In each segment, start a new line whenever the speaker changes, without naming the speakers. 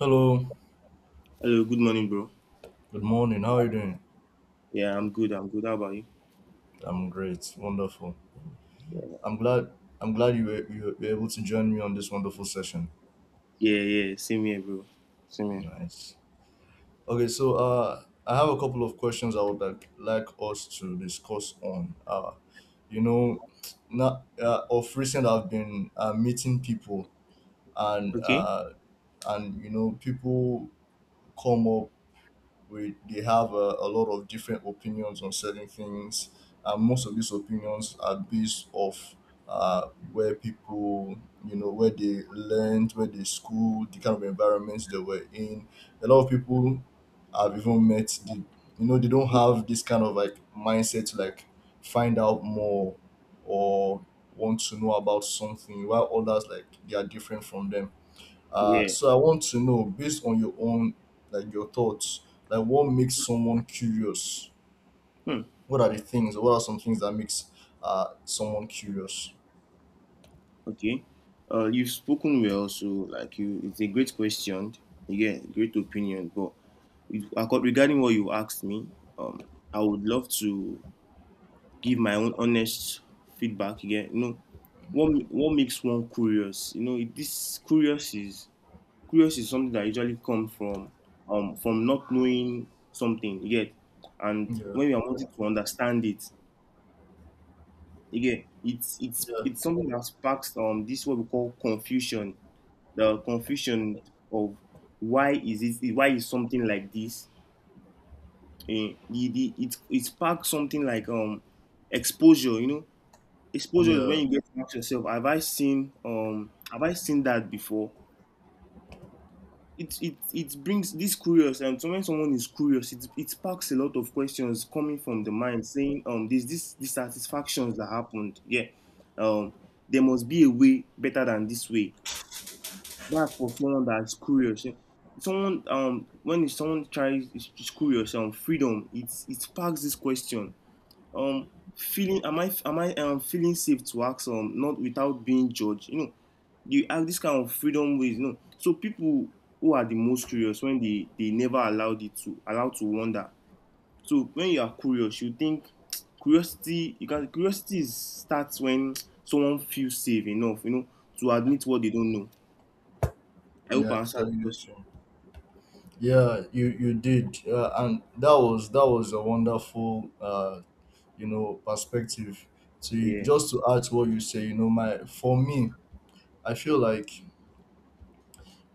Hello.
Hello, good morning, bro.
Good morning. How are you doing?
Yeah, I'm good. I'm good. How about you?
I'm great. Wonderful. I'm glad. I'm glad you were able to join me on this wonderful session.
Yeah, yeah, same here, bro. Same here.
Nice. Okay. So I have a couple of questions I would like us to discuss on. You know, Now of recent I've been meeting people and
Okay.
and you know people come up, we they have a lot of different opinions on certain things, and most of these opinions are based off where people, you know, where they learned, where they schooled, the kind of environments they were in. A lot of people, I've even met the, you know, they don't have this kind of like mindset to like find out more or want to know about something, while others, like, they are different from them. uh,
Yeah.
so I want to know, based on your own, like your thoughts, like what makes someone curious?
Hmm.
What are the things? What are some things that makes someone curious?
Okay. You've spoken well, so like you, it's a great question. Yeah, great opinion. But regarding what you asked me, I would love to give my own honest feedback again. You know, what makes one curious? You know, this curious is curious is something that usually comes from not knowing something, you get. And
Yeah,
when you are wanting to understand it, you get, it's it's
yeah,
it's something that sparks this what we call confusion. The confusion of why is something like this? It sparks something like exposure. Exposure is when
yeah,
you get to ask yourself, have I seen that before? It brings this curious. And so when someone is curious, it sparks a lot of questions coming from the mind, saying there's this dissatisfactions that happened. Yeah. um there must be a way better than this way. That's for someone that's curious. Yeah. someone When someone tries is curious, freedom it sparks this question. um Feeling, am I feeling safe to ask, not without being judged. You ask this kind of freedom ways, so people who are the most curious, when they never allowed it to allowed to wonder. So when you are curious, you think, curiosity you can curiosity is, starts when someone feels safe enough, to admit what they don't know. I hope
yeah.
I answered the
Totally the
question.
same. Yeah, you did, and that was a wonderful, you know, perspective. To
Yeah.
just to add to what you say, you know, my for me, I feel like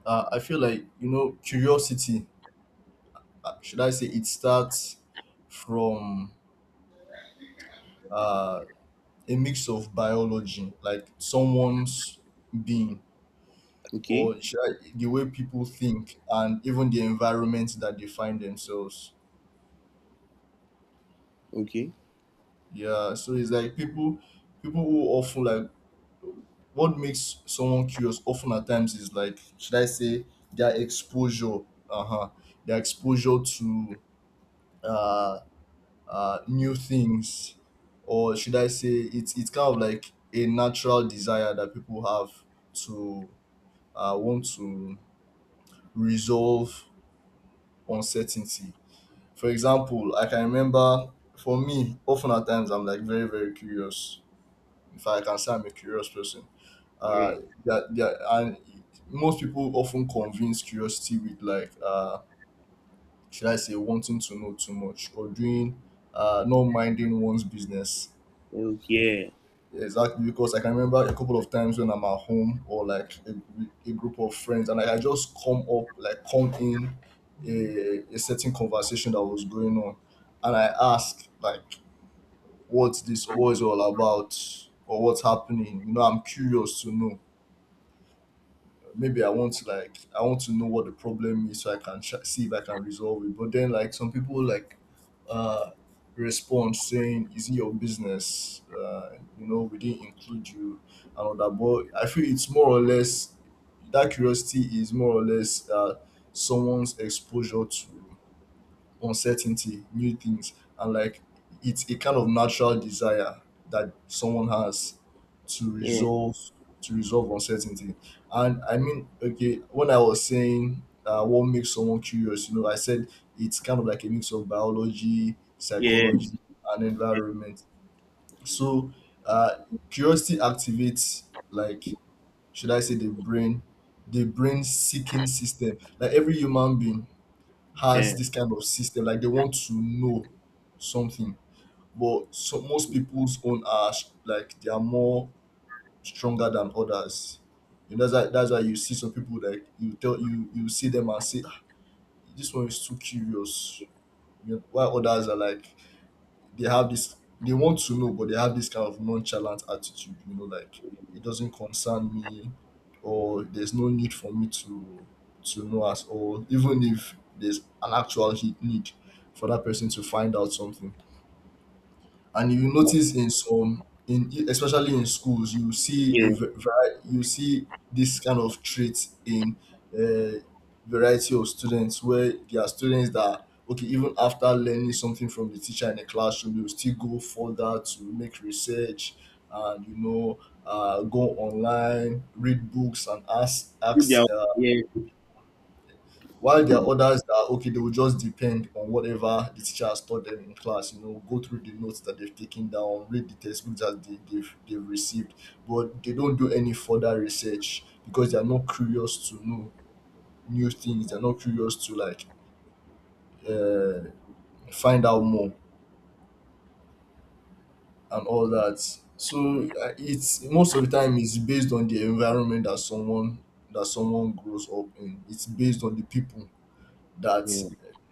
I feel like, you know, curiosity. Should I say it starts from uh, a mix of biology, like someone's being,
Okay.
or should the way people think, and even the environment that they find themselves.
Okay.
Yeah, so it's like people who often like, what makes someone curious often at times is, like, should I say their exposure, uh huh, their exposure to uh, new things, or should I say it's kind of like a natural desire that people have to want to resolve uncertainty. For example, I can remember, for me, often at times I'm like very, very curious. In fact, I can say I'm a curious person.
Yeah.
And most people often convince curiosity with like, should I say, wanting to know too much or doing, not minding one's business.
Yeah. Okay.
Exactly, because I can remember a couple of times when I'm at home or like a group of friends, and like, I just come up, like come in a certain conversation that was going on, and I ask like, "What's this? Or what is it all about? Or what's happening?" You know, I'm curious to know, maybe I want, like, I want to know what the problem is so I can try, see if I can resolve it. But then like some people like uh respond saying, is it your business? You know, we didn't include you and all that. But I feel it's more or less that curiosity is more or less someone's exposure to uncertainty, new things, and like it's a kind of natural desire that someone has to
Yeah.
resolve uncertainty. And I mean, okay, when I was saying what makes someone curious, you know, I said it's kind of like a mix of biology,
Yeah.
psychology, and
Yeah.
environment. So uh, curiosity activates, like, should I say the brain seeking system. Like every human being
Yeah.
has this kind of system, like they want to know something. But so most people's own are like they are more stronger than others, you know. That's why you see some people, like, you tell you, you see them and say, "Ah, this one is too curious," you know, while others are like they have this, they want to know, but they have this kind of nonchalant attitude, you know, like, it doesn't concern me, or there's no need for me to know at all, even if there's an actual need for that person to find out something. And you notice in some, in especially in schools, you see
Yeah.
a you see this kind of trait in a variety of students, where there are students that, okay, even after learning something from the teacher in the classroom, you still go further to make research and, you know, go online, read books, and ask
Yeah.
ask uh,
Yeah.
While there are others that are okay, they will just depend on whatever the teacher has taught them in class. You know, go through the notes that they've taken down, read the textbooks that they've received, but they don't do any further research because they are not curious to know new things. They're not curious to like uh, find out more and all that. So it's most of the time it's based on the environment that someone grows up in. It's based on the people that
Yeah,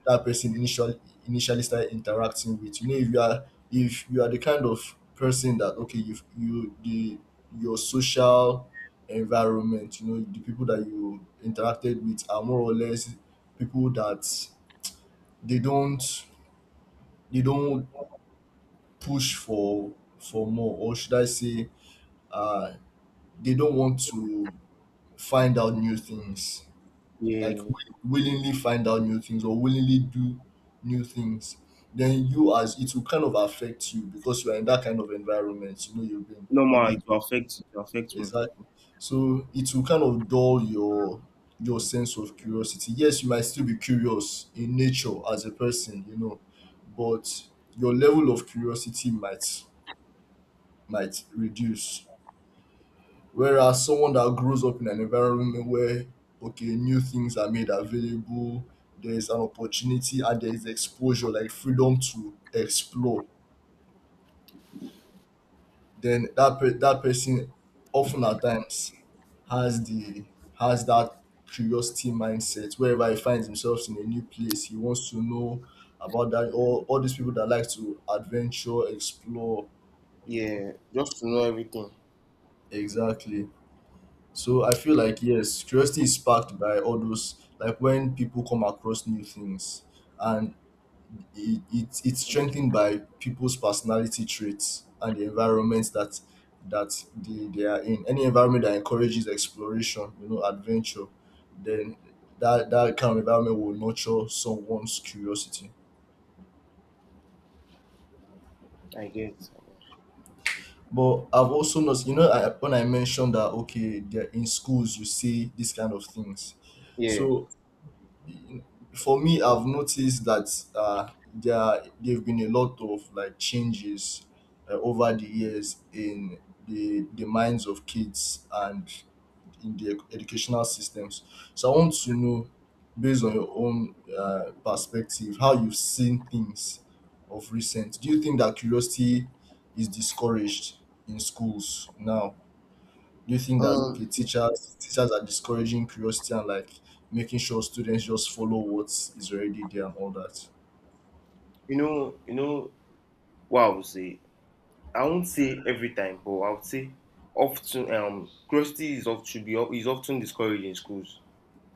that person initially started interacting with. You know, if you are, if you are the kind of person that, okay, your social environment, you know, the people that you interacted with are more or less people that they don't they don't push for more, or should I say uh they don't want to find out new things, like
yeah.
willingly find out new things or willingly do new things, then you, as it will kind of affect you because you are in that kind of environment, you know, you've been
No ma,
you've
it will affect me.
exactly, so it will kind of dull your sense of curiosity. Yes, you might still be curious in nature as a person, you know, but your level of curiosity might reduce. Whereas someone that grows up in an environment where, okay, new things are made available, there's an opportunity and there's exposure like freedom to explore, then that person often at times has the has that curiosity mindset. Wherever he finds himself in a new place, he wants to know about that. All these people that like to adventure, explore, you know,
Yeah, just to know everything.
exactly. So I feel like, yes, curiosity is sparked by all those, like when people come across new things, and it's strengthened by people's personality traits and the environments that they are in. Any environment that encourages exploration, you know, adventure, then that kind of environment will nurture someone's curiosity.
I get, I get.
But I've also noticed, you know, I, when I mentioned that, okay, they're in schools, you see these kind of things.
Yeah.
So for me, I've noticed that uh, there've been a lot of like changes over the years in the minds of kids and in the educational systems. So I want to know, based on your own perspective, how you've seen things of recent, do you think that curiosity is discouraged in schools now? Do you think that,
Um,
okay, teachers are discouraging curiosity and like making sure students just follow what is already there and all that?
you know what I would say. I won't say every time, but I would say often. Curiosity is of should be of- is often discouraged in schools.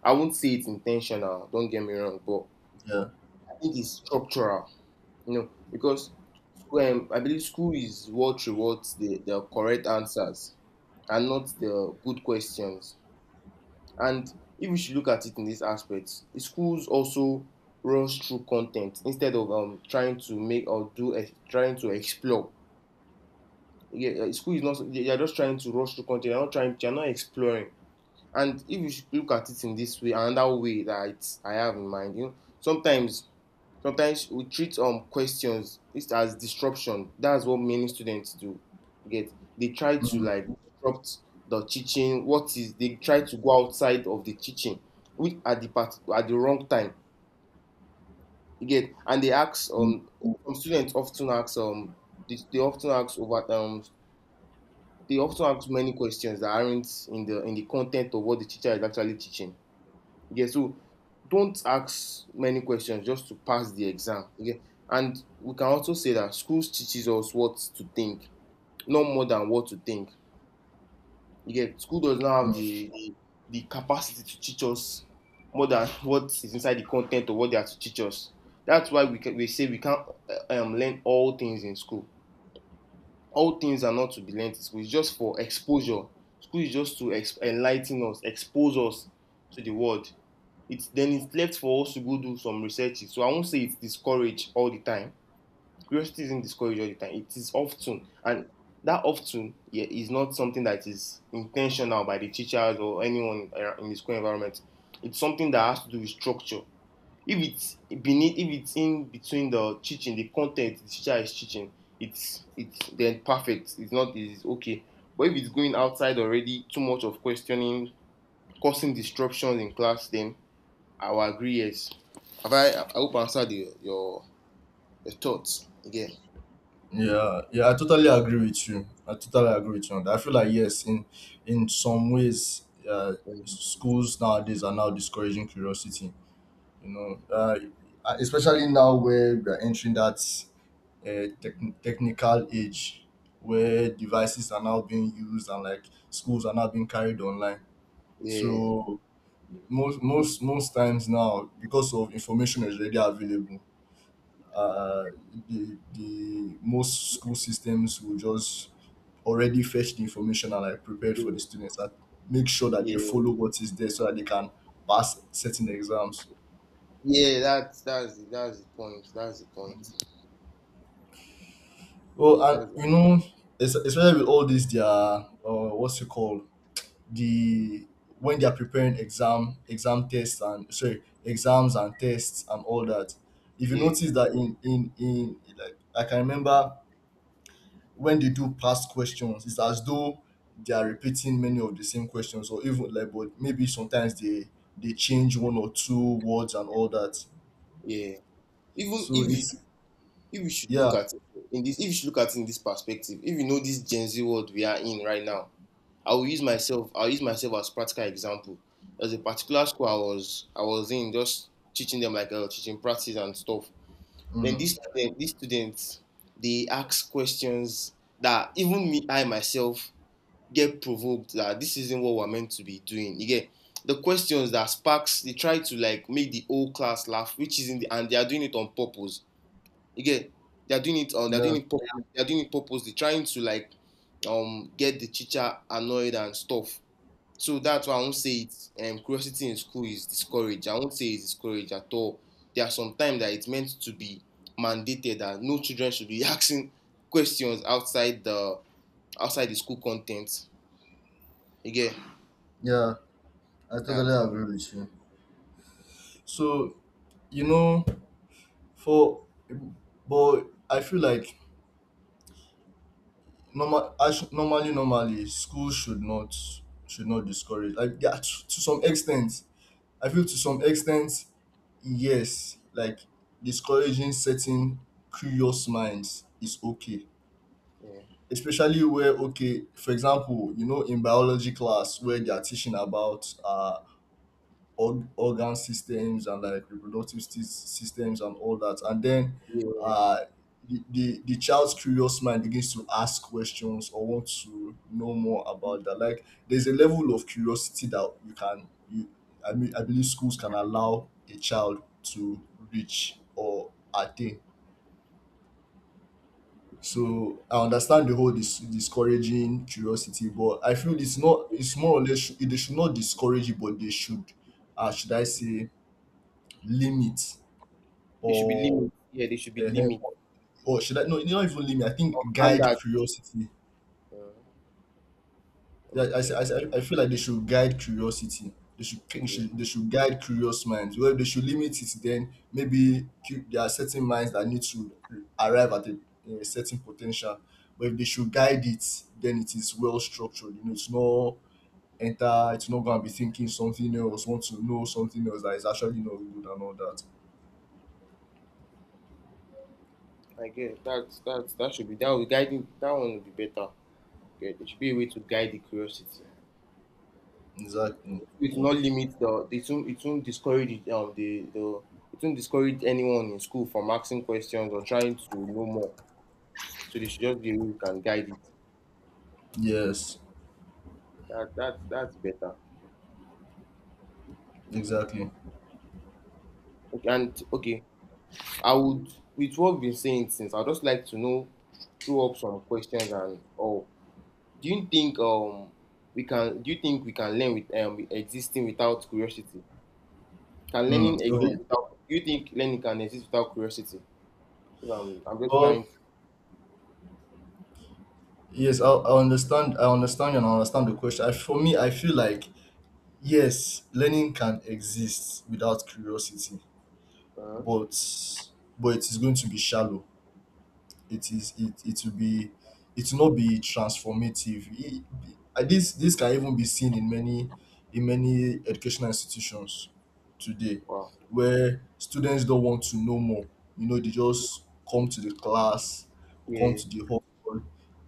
I won't say it's intentional. Don't get me wrong, but
Yeah.
I think it's structural. You know, because I believe school is what rewards the correct answers and not the good questions. And if we should look at it in this aspect, schools also runs through content instead of, trying to make or trying to explore. Yeah, school is not, they are just trying to rush through content. They're not trying. They're not exploring. And if you should look at it in this way, another way that I have in mind, you know, sometimes we treat, questions it as disruption. That's what many students do, get. They try to
Mm,
like disrupt the teaching, what is, they try to go outside of the teaching, which at the part at the wrong time, you get, and they ask,
mm,
some students often ask, they often ask over, they often ask many questions that aren't in the content of what the teacher is actually teaching. Yeah, so don't ask many questions just to pass the exam. Okay. And we can also say that school teaches us what to think, not more than what to think. You school does not have
mm.
the capacity to teach us more than what is inside the content or what they are to teach us. That's why we say we can't, learn all things in school. All things are not to be learned in school. It's just for exposure. School is just to enlighten us, expose us to the world. It's then it's left for us to go do some researches. So I won't say it's discouraged all the time. Curiosity isn't discouraged all the time. It is often, and that often, yeah, is not something that is intentional by the teachers or anyone in the school environment. It's something that has to do with structure. If it's beneath, if it's in between the teaching, the content the teacher is teaching, it's then perfect. It's not, it's okay. But if it's going outside already, too much of questioning, causing disruptions in class, then I will agree. Yes. Have I? I hope I answered your thoughts again.
Yeah, yeah, I totally agree with you. I totally agree with you on that. I feel like yes, in some ways, uh,
Um,
schools nowadays are now discouraging curiosity. You know, especially now where we are entering that technical age, where devices are now being used and like schools are now being carried online.
Yeah.
So most times now, because of information is already available, uh, the most school systems will just already fetch the information and like prepared for
Yeah.
the students, and make sure that they
Yeah.
follow what is there so that they can pass certain exams.
Yeah. That's the point. That's the point.
Well, and
That's the,
you know, especially with all these their what's it called, the, when they are preparing exam tests, and sorry, exams and tests and all that, if you
yeah.
notice that in, like, I can remember when they do past questions, it's as though they are repeating many of the same questions, or even like, but maybe sometimes they change one or two words and all that.
Yeah. Even
So it's,
if you should look
yeah,
at it in this If you should look at it in this perspective, if you know this Gen Z world we are in right now, I will use myself. I'll use myself as practical example. There's a particular school I was in, just teaching them like, teaching practice and stuff. Then
mhm,
these students, they ask questions that even me, I myself, get provoked that this isn't what we're meant to be doing. You get, the questions that sparks. They try to like make the whole class laugh, which isn't, and they are doing it on purpose. You get, they are doing it. They are doing
yeah,
it. They are doing it purposely, trying to like, get the teacher annoyed and stuff. So that's why I won't say it. Curiosity in school is discouraged. I won't say it's discouraged at all. There are some times that it's meant to be mandated that no children should be asking questions outside the school content. You get
yeah, I
that?
totally agree with you. So you know, for, but I feel like normally school should not, should not discourage, like, yeah, to some extent, I feel to some extent, yes, like discouraging certain curious minds is okay,
Yeah.
especially where, okay, for example, you know, in biology class where they are teaching about organ systems and like reproductive systems and all that. And then
Yeah.
uh, the child's curious mind begins to ask questions or want to know more about that. Like there's a level of curiosity that you can, you, I mean, I believe schools can allow a child to reach or attain. So I understand the whole discouraging curiosity, but I feel it's not. It's more or less. They should not discourage it, but they should I say, limit
There should be
or
limit. Yeah, there should be
uh,
limit.
should I not even limit. I
Or
think guide
standard.
curiosity.
Uh,
Yeah, I,
okay.
I, I I feel like they should guide curiosity. They should, they
Yeah.
should they should guide curious minds well. They should limit it, then maybe there are certain minds that need to arrive at a certain potential, but if they should guide it, then it is well structured, you know. It's not enter, it's not going to be thinking something else, want to know something else that is actually not good and all that.
I get, that's that should be, that will, guiding that one will be better. Okay, there should be a way to guide the curiosity.
Exactly.
It will not limit the, it won't discourage, the it won't discourage anyone in school from asking questions or trying to know more. So they should just be able to guide it.
Yes,
That's better.
exactly.
Okay, and okay, I would, with what we've been saying since, I'd just like to know, throw up some questions and or, do you think, we can do you think we can learn with, existing without curiosity? Can
Mm.
learning
Okay.
exist without Do you think learning can exist without curiosity? If I'm just trying
Well,
to,
yes, I understand. I understand, and I understand the question. I, for me, I feel like yes, learning can exist without curiosity,
uh,
but but it is going to be shallow. It will be, it will not be transformative. And this can even be seen in many, in many educational institutions today,
wow.
where students don't want to know more. You know, they just come to the class, come
Yeah.
to the hall.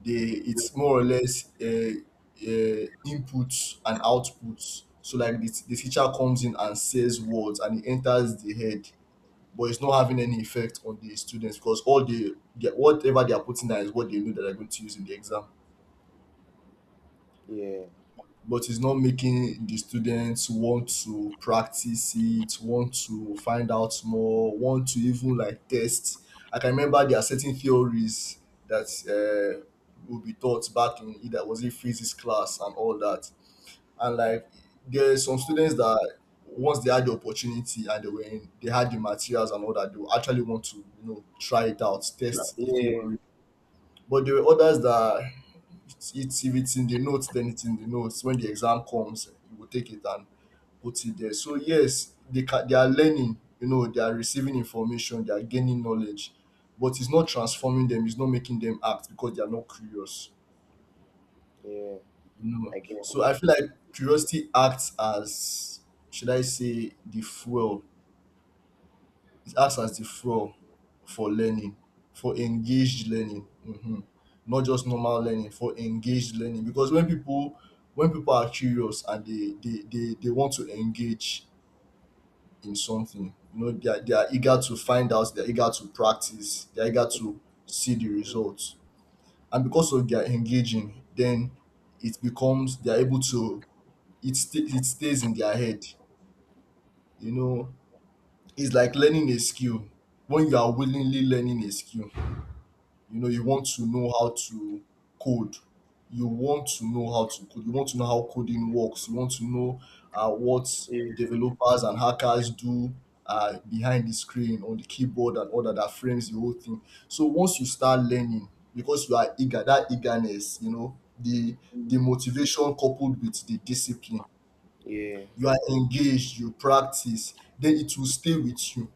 They, it's more or less inputs and outputs. So like the teacher comes in and says words and it enters the head, but it's not having any effect on the students, because all they whatever they are putting down is what they know that they're going to use in the exam.
Yeah.
But it's not making the students want to practice it, want to find out more, want to even like test. I can remember there are certain theories that will be taught back in either was it physics class and all that. And like there's some students that once they had the opportunity and they were in, they had the materials and all that, they will actually want to, you know, try it out,
Yeah.
test the
Yeah.
theory. But there were others that it's if it's in the notes, then it's in the notes. When the exam comes, you will take it and put it there. So yes, they can, they are learning. You know, they are receiving information, they are gaining knowledge, but it's not transforming them. It's not making them act, because they are not curious.
Yeah.
No.
I get it.
So I feel like curiosity acts as, should I say, the fuel. It acts as the fuel for learning, for engaged learning. Hmm. Not just normal learning, for engaged learning. Because when people, when people are curious and they want to engage in something, you know, they are eager to find out, they're eager to practice, they're eager to see the results. And because of their engaging, then it becomes they're able to, it stays in their head, you know. It's like learning a skill. When you are willingly learning a skill, you know, code you want to know how to code, you want to know how coding works, you want to know what
Yeah.
developers and hackers do behind the screen on the keyboard and all that, that frames the whole thing. So once you start learning, because you are eager, that eagerness, you know, the motivation coupled with the discipline,
Yeah.
you are engaged, you practice, then it will stay with you.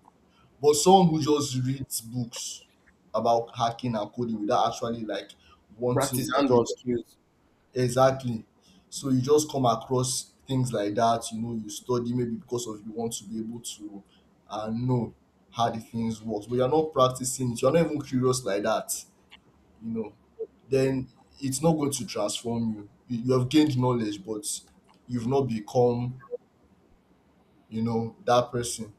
But someone who just reads books about hacking and coding without actually like
Practice
wanting, like
hand
you,
on skills.
exactly. So you just come across things like that, you know, you study maybe because of you want to be able to know how the things works, but you're not practicing it, you're not even curious like that, you know, then it's not going to transform you. You have gained knowledge, but you've not become, you know, that person.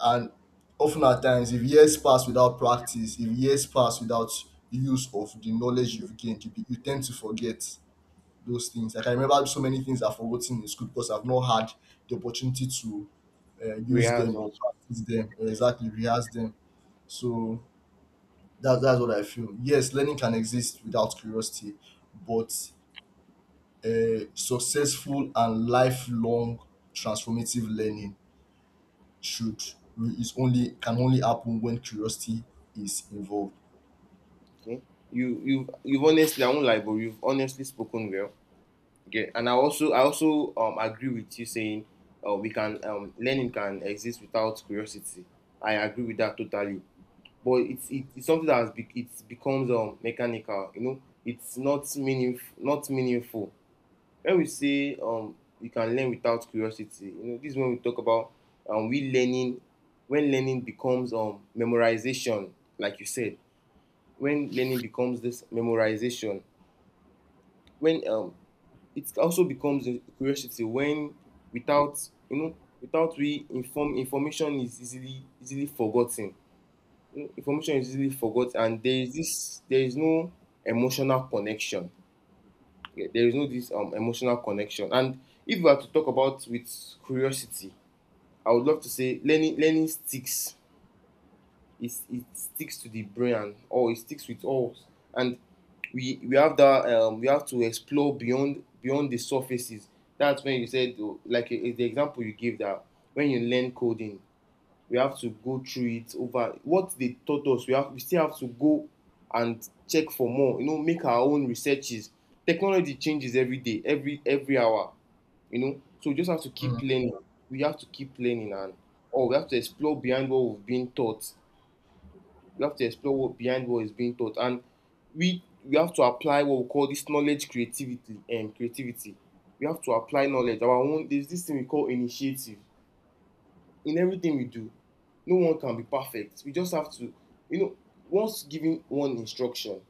And often at times, if years pass without practice, if years pass without use of the knowledge you've gained, you tend to forget those things. Like I remember so many things I've forgotten in school because I've not had the opportunity to use
Rehearse
them or
also.
practice them or
Yeah.
exactly rehearse them. So that's what I feel. Yes, learning can exist without curiosity, but successful and lifelong transformative learning should, is only can only happen when curiosity is involved.
Okay. You've honestly, I won't lie, but you've honestly spoken well. Okay. And I also agree with you saying, we can learning can exist without curiosity. I agree with that totally. But it's something that has be, it becomes, mechanical. You know, it's not meaningful. Not meaningful. When we say, you can learn without curiosity, this is when we talk about, we learning. When learning becomes, memorization, like you said, when learning becomes this memorization, when, it also becomes a curiosity, when without, without we inform, information is easily forgotten. You know, information is easily forgotten, and there is this, there is no emotional connection. Yeah, there is no this, emotional connection. And if we are to talk about with curiosity, I would love to say learning sticks. It sticks to the brain, and or it sticks with us. And we have that, we have to explore beyond the surfaces. That's when you said, like, the example you gave, that when you learn coding, we have to go through it over what they taught us. We still have to go and check for more, make our own researches. Technology changes every day, every hour. You know, so we just have to
Mm,
keep learning. We have to keep learning, and or we have to explore behind what we've been taught. We have to explore what behind what is being taught, and we have to apply what we call this knowledge creativity. We have to apply knowledge our own. There's this thing we call initiative in everything we do. No one can be perfect. We just have to, you know, once giving one instruction,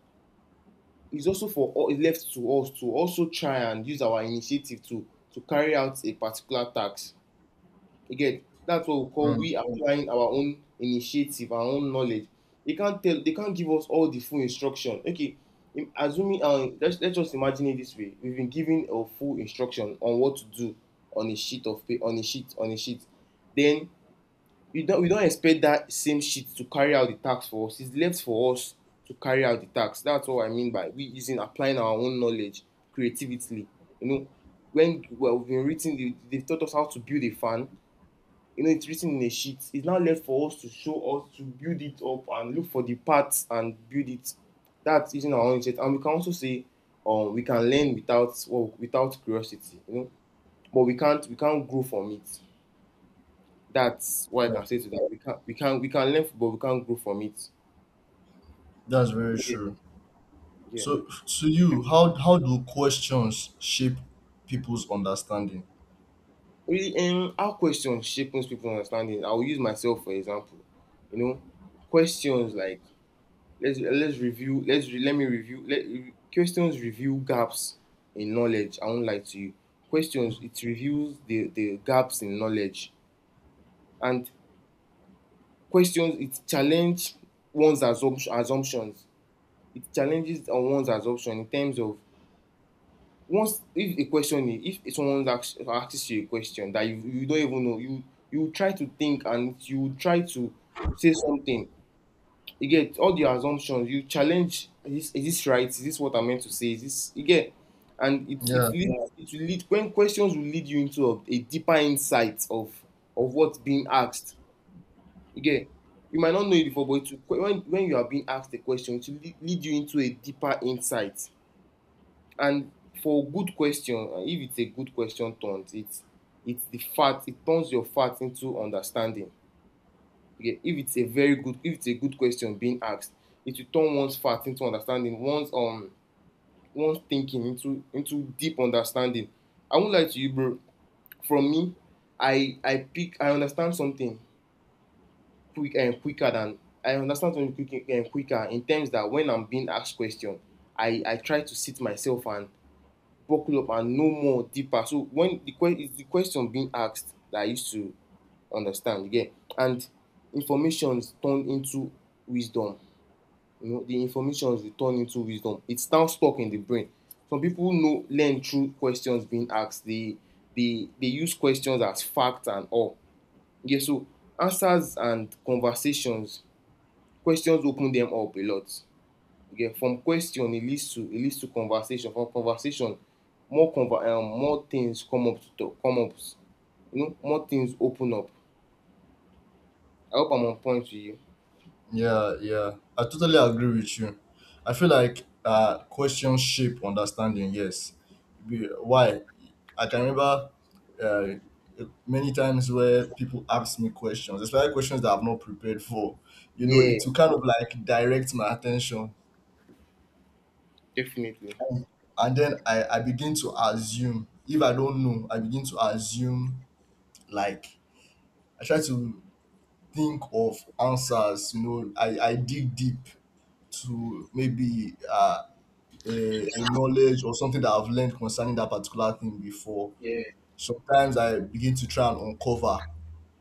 it's also for all, it's left to us to also try and use our initiative to carry out a particular task. Again, that's what we call,
mm,
we applying our own initiative, our own knowledge. They can't tell, they can't give us all the full instruction. Okay, assuming, let's just imagine it this way. We've been given a full instruction on what to do on a sheet of paper, on a sheet, then we don't. We don't expect that same sheet to carry out the task for us. It's left for us to carry out the task. That's what I mean by we using applying our own knowledge creatively, you know when, well, we've been written, they taught us how to build a fan. You know, it's written in a sheet. It's now left for us to show us to build it up and look for the parts and build it. That's using our own interest. And we can also say we can learn without, well, without curiosity, but we can't grow from it. That's what I
yeah,
can say to that. We can learn, but we can't grow from it.
that's very
Yeah,
true.
yeah.
So, to you, how do questions shape people's understanding?
Really, how questions shape most people's understanding. I will use myself for example. You know, questions like, let's review. Let me review. Questions review gaps in knowledge. I won't lie to you. Questions,
Mm.
it reviews the gaps in knowledge, and questions, it challenge one's assumption assumptions. It challenges on one's assumption in terms of, once, if a question is, if someone asks you a question that you don't even know, you try to think and you try to say something. You get all the assumptions. You challenge, is this right, is this what I'm meant to say, is this, you get. And it
Yeah.
it lead it will lead, when questions will lead you into a deeper insight of what's being asked, you get. You might not know it before, but it will, when you are being asked a question, it will lead you into a deeper insight. And for good question, if it's a good question turned, it's the fact, it turns your fact into understanding. Okay, if it's a very good if it's a good question being asked, it will turn one's fact into understanding, one's one's thinking into deep understanding. I won't lie to you, bro. From me, I pick I understand something quick and quicker than I understand something quick and quicker in terms that when I'm being asked question, I try to sit myself and buckle up and know more deeper. So when the question is the question being asked that I used to understand again, and informations turn into wisdom. You know, the informations will turn into wisdom. It's now stuck in the brain. Some people know learn through questions being asked. They they use questions as facts and all. Yeah, so answers and conversations, questions open them up a lot. You, from question it leads to, it leads to conversation. From conversation, more things come up to talk, come up. You know, more things open up. I hope I'm on point to you.
Yeah, yeah. I totally agree with you. I feel like questions shape understanding, yes. Why? I can remember uh, many times where people ask me questions, especially questions that I've not prepared for. You know, it
Yeah,
to kind of like direct my attention.
definitely.
And then I begin to assume. If I don't know, I begin to assume, like I try to think of answers. You know, I dig deep to maybe a knowledge or something that I've learned concerning that particular thing before.
Yeah,
Sometimes I begin to try and uncover,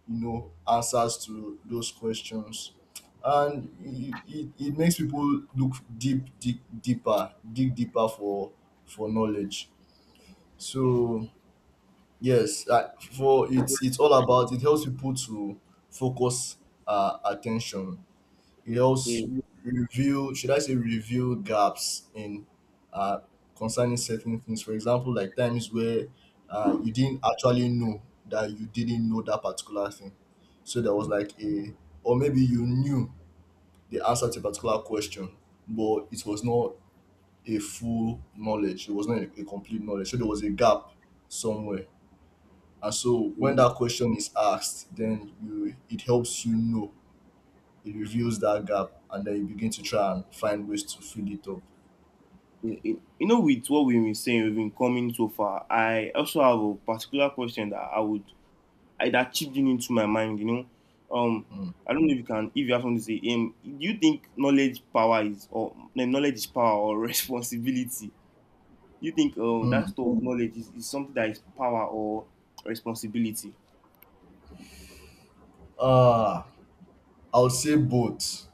you know, answers to those questions. And it makes people look deeper, dig deeper for knowledge.
yeah.
So yes, like for, it's all about it helps people to focus attention. It helps review, should I say, review gaps in, uh, concerning certain things. For example, like times where you didn't actually know that you didn't know that particular thing. So there was like a, or maybe you knew the answer to a particular question, but it was not a full knowledge. It was not a complete knowledge. So there was a gap somewhere. And so when that question is asked, then you, it helps you know, it reveals that gap, and then you begin to try and find ways to fill it up.
You you know with what we've been saying, we've been coming so far, I also have a particular question that I that chipped in into my mind, you know um
Mm.
I don't know if you can, if you have something to say, do you think knowledge power is, or no, knowledge is power or responsibility. You think, oh, that
Mm.
store of knowledge is something that is power or responsibility.
Uh, I would say both.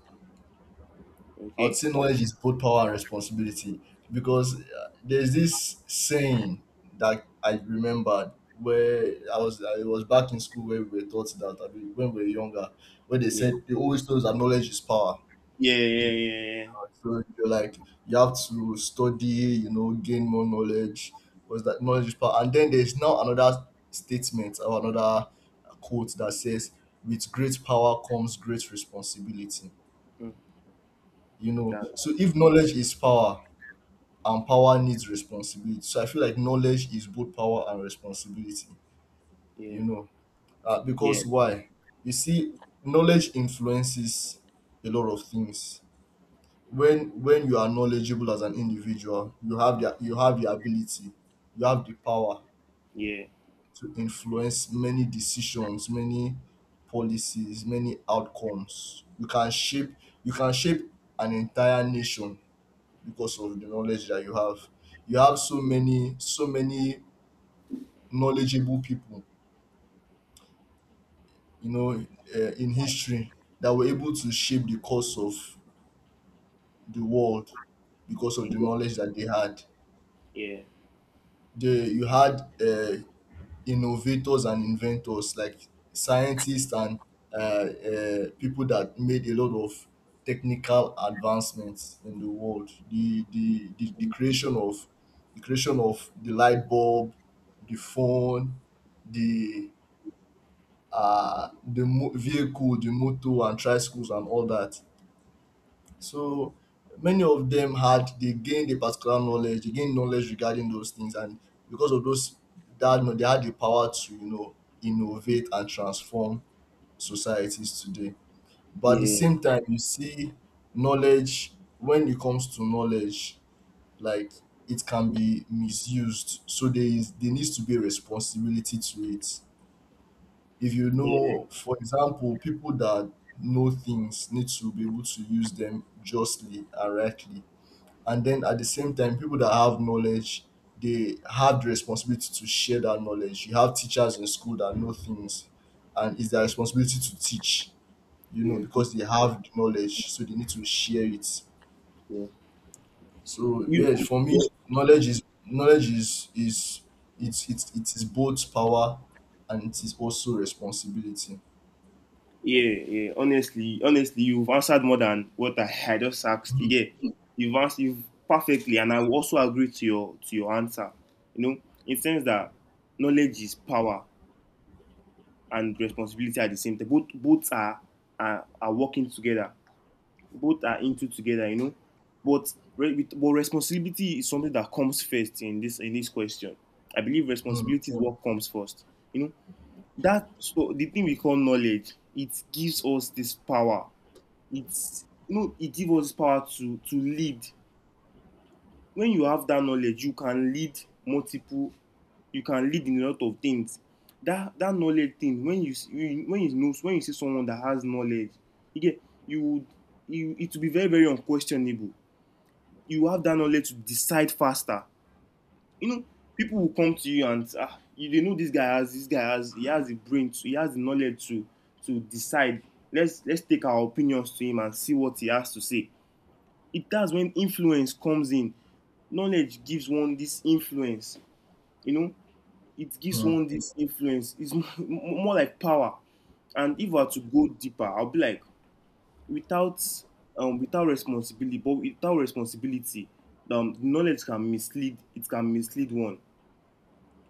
I would
Okay.
say knowledge is both power and responsibility, because there's this saying that I remembered, where I was back in school, where we were taught that, I mean, when we were younger, where they
Yeah.
said they always told us that knowledge is power.
Yeah. Yeah. Yeah.
So you're like, you have to study, you know, gain more knowledge, because that knowledge is power. And then there's now another statement or another quote that says, "With great power comes great responsibility."
Yeah. Mm,
You know,
that.
so if knowledge is power and power needs responsibility, so I feel like knowledge is both power and responsibility.
Yeah.
You know,
Yeah.
because why? You see, knowledge influences a lot of things. When you are knowledgeable as an individual, you have the ability, you have the power
Yeah.
to influence many decisions, many policies, many outcomes. You can shape an entire nation because of the knowledge that you have. You have so many, so many knowledgeable people, you know, in history, that were able to shape the course of the world because of the
Mm,
knowledge that they had.
yeah.
They you had innovators and inventors like scientists and people that made a lot of technical advancements in the world. The creation of the light bulb, the phone, the vehicle, the motor and tricycles and all that. So many of them had, they gained a particular knowledge, they gained knowledge regarding those things, and because of those, that you know, they had the power to, you know, innovate and transform societies today. But at the
Yeah.
same time, you see, knowledge, when it comes to knowledge, like it can be misused. So there is, there needs to be a responsibility to it. If you
Yeah.
know, for example, people that know things need to be able to use them justly and rightly, and then at the same time, people that have knowledge, they have the responsibility to share that knowledge. You have teachers in school that know things, and it's their responsibility to teach, you know,
Yeah.
because they have the knowledge, so they need to share it.
Yeah.
So
You.
yes, for me,
you-
knowledge is it's it is both power, and it is also responsibility.
Yeah. Yeah. Honestly, honestly, you've answered more than what I had just asked. You
Hmm,
get. You've perfectly, and I also agree to your answer. You know, in sense that knowledge is power and responsibility at the same time. Both are are working together. Both are into together, you know. But but responsibility is something that comes first in this question. I believe
hmm,
responsibility is what comes first. You know that, so the thing we call knowledge, it gives us this power. It's, you know, it gives us power to lead. When you have that knowledge, you can lead multiple, you can lead in a lot of things. That that knowledge thing, when you see, when you know, when you see someone that has knowledge, you get, you would, you, it will be very very unquestionable. You have that knowledge to decide faster, you know. People will come to you and, ah, you dey know, this guy has, this guy has, he has the brain to, he has the knowledge to decide, let's take our opinions to him and see what he has to say. It, that's when influence comes in. Knowledge gives one this influence, you know. It gives
hmm,
one this influence. It's more like power. And if I were to go deeper, I'll be like, without without responsibility, but without responsibility, knowledge can mislead, it can mislead one,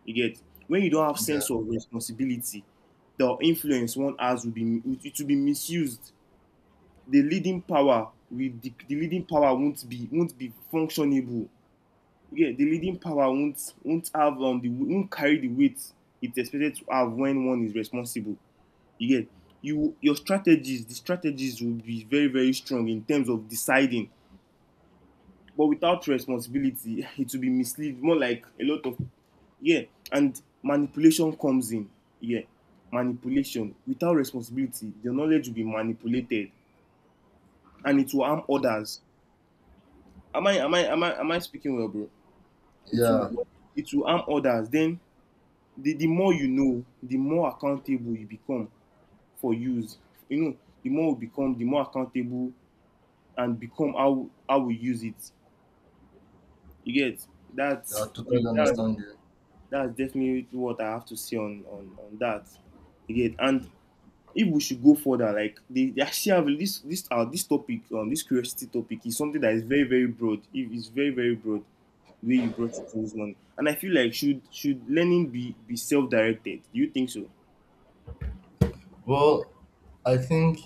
you get. When you don't have
yeah,
sense of responsibility, the influence one has will be, it will be misused. The leading power will, the leading power won't be, won't be functionable. Yeah, the leading power won't have, the won't carry the weight it's expected to have when one is responsible, you get. You your strategies, the strategies will be very very strong in terms of deciding, but without responsibility it will be mislead, more like a lot of, yeah, and manipulation comes in, yeah, manipulation. Without responsibility, the knowledge will be manipulated and it will harm others. Am I speaking well, bro? It
yeah,
will, it will harm others. Then the more you know, the more accountable you become for use. You know, the more we become, the more accountable, and become how we use it. You get.
I
That's
totally
that,
understand you.
that's definitely what I have to say on on that. You get. And if we should go further, like they actually have this this this topic, this curiosity topic is something that is very very broad. It is very very broad the way you brought it to this morning, and I feel like should learning be self directed? Do you think so?
Well, I think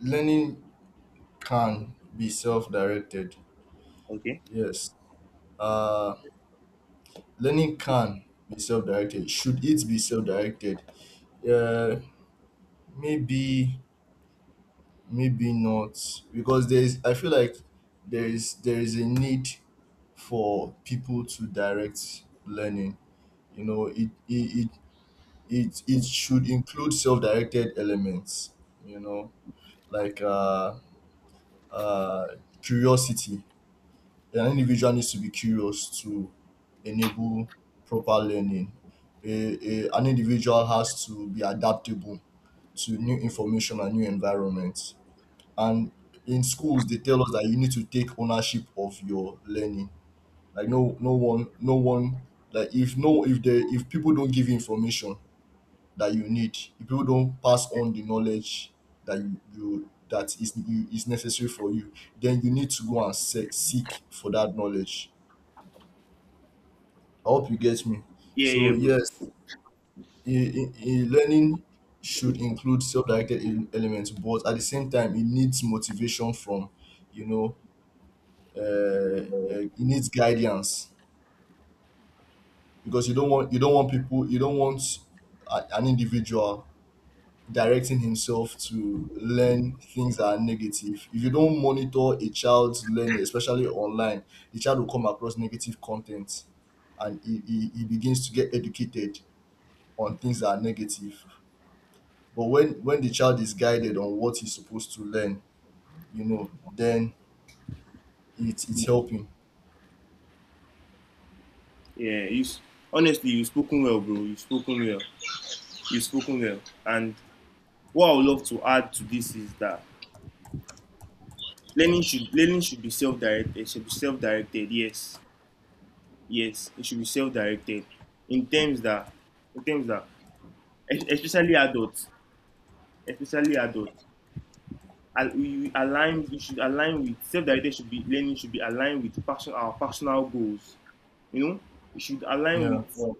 learning can be self-directed.
Okay.
Yes. Uh, Learning can be self-directed. Should it be self-directed? Uh, Maybe, maybe not. Because there is, I feel like there is, there is a need for people to direct learning. You know, it should include self-directed elements. You know, like uh, curiosity, an individual needs to be curious to enable proper learning. An individual has to be adaptable to new information and new environments. And in schools, they tell us that you need to take ownership of your learning. Like no, no one, no one. Like if no, if the if people don't give you information that you need, if people don't pass on the knowledge that you that is you, is necessary for you, then you need to go and seek for that knowledge. I hope you get me.
Yeah,
So
yeah, bro.
yes, learning should include self-directed elements, but at the same time, it needs motivation from, you know, uh, it needs guidance. Because you don't want a, an individual directing himself to learn things that are negative. If you don't monitor a child's learning, especially online, the child will come across negative content, and he begins to get educated on things that are negative. But when the child is guided on what he's supposed to learn, you know, then it it's helping.
Yeah, you, honestly you've spoken well, bro. You've spoken well. You've spoken well. And what I would love to add to this is that learning should be self-directed. It should be self-directed. Yes, yes, it should be self-directed. In terms that, in terms that, es- especially adults, especially adults, we align. We should align with self-directed. Should be learning should be aligned with passion, our personal goals. You know, it should align with,
Yeah.
yeah,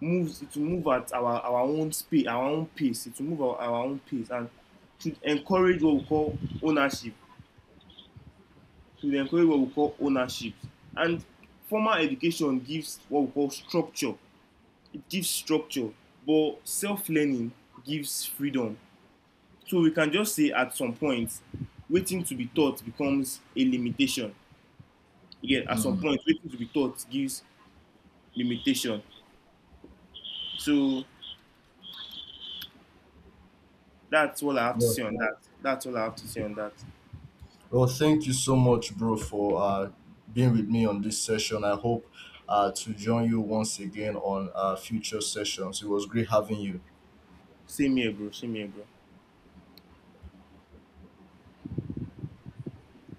moves. It will move at our own speed, our own pace. It will move at our own pace and should encourage what we call ownership. Should encourage what we call ownership. And formal education gives what we call structure. It gives structure, but self-learning gives freedom. So we can just say at some point, waiting to be taught becomes a limitation. Again, at some
Mm.
point, waiting to be taught gives limitation. So that's all I have to
Yeah.
say on that. That's all I have to say on that.
Well, thank you so much bro, for being with me on this session. I hope to join you once again on future sessions. It was great having you.
See me, bro. See me, bro.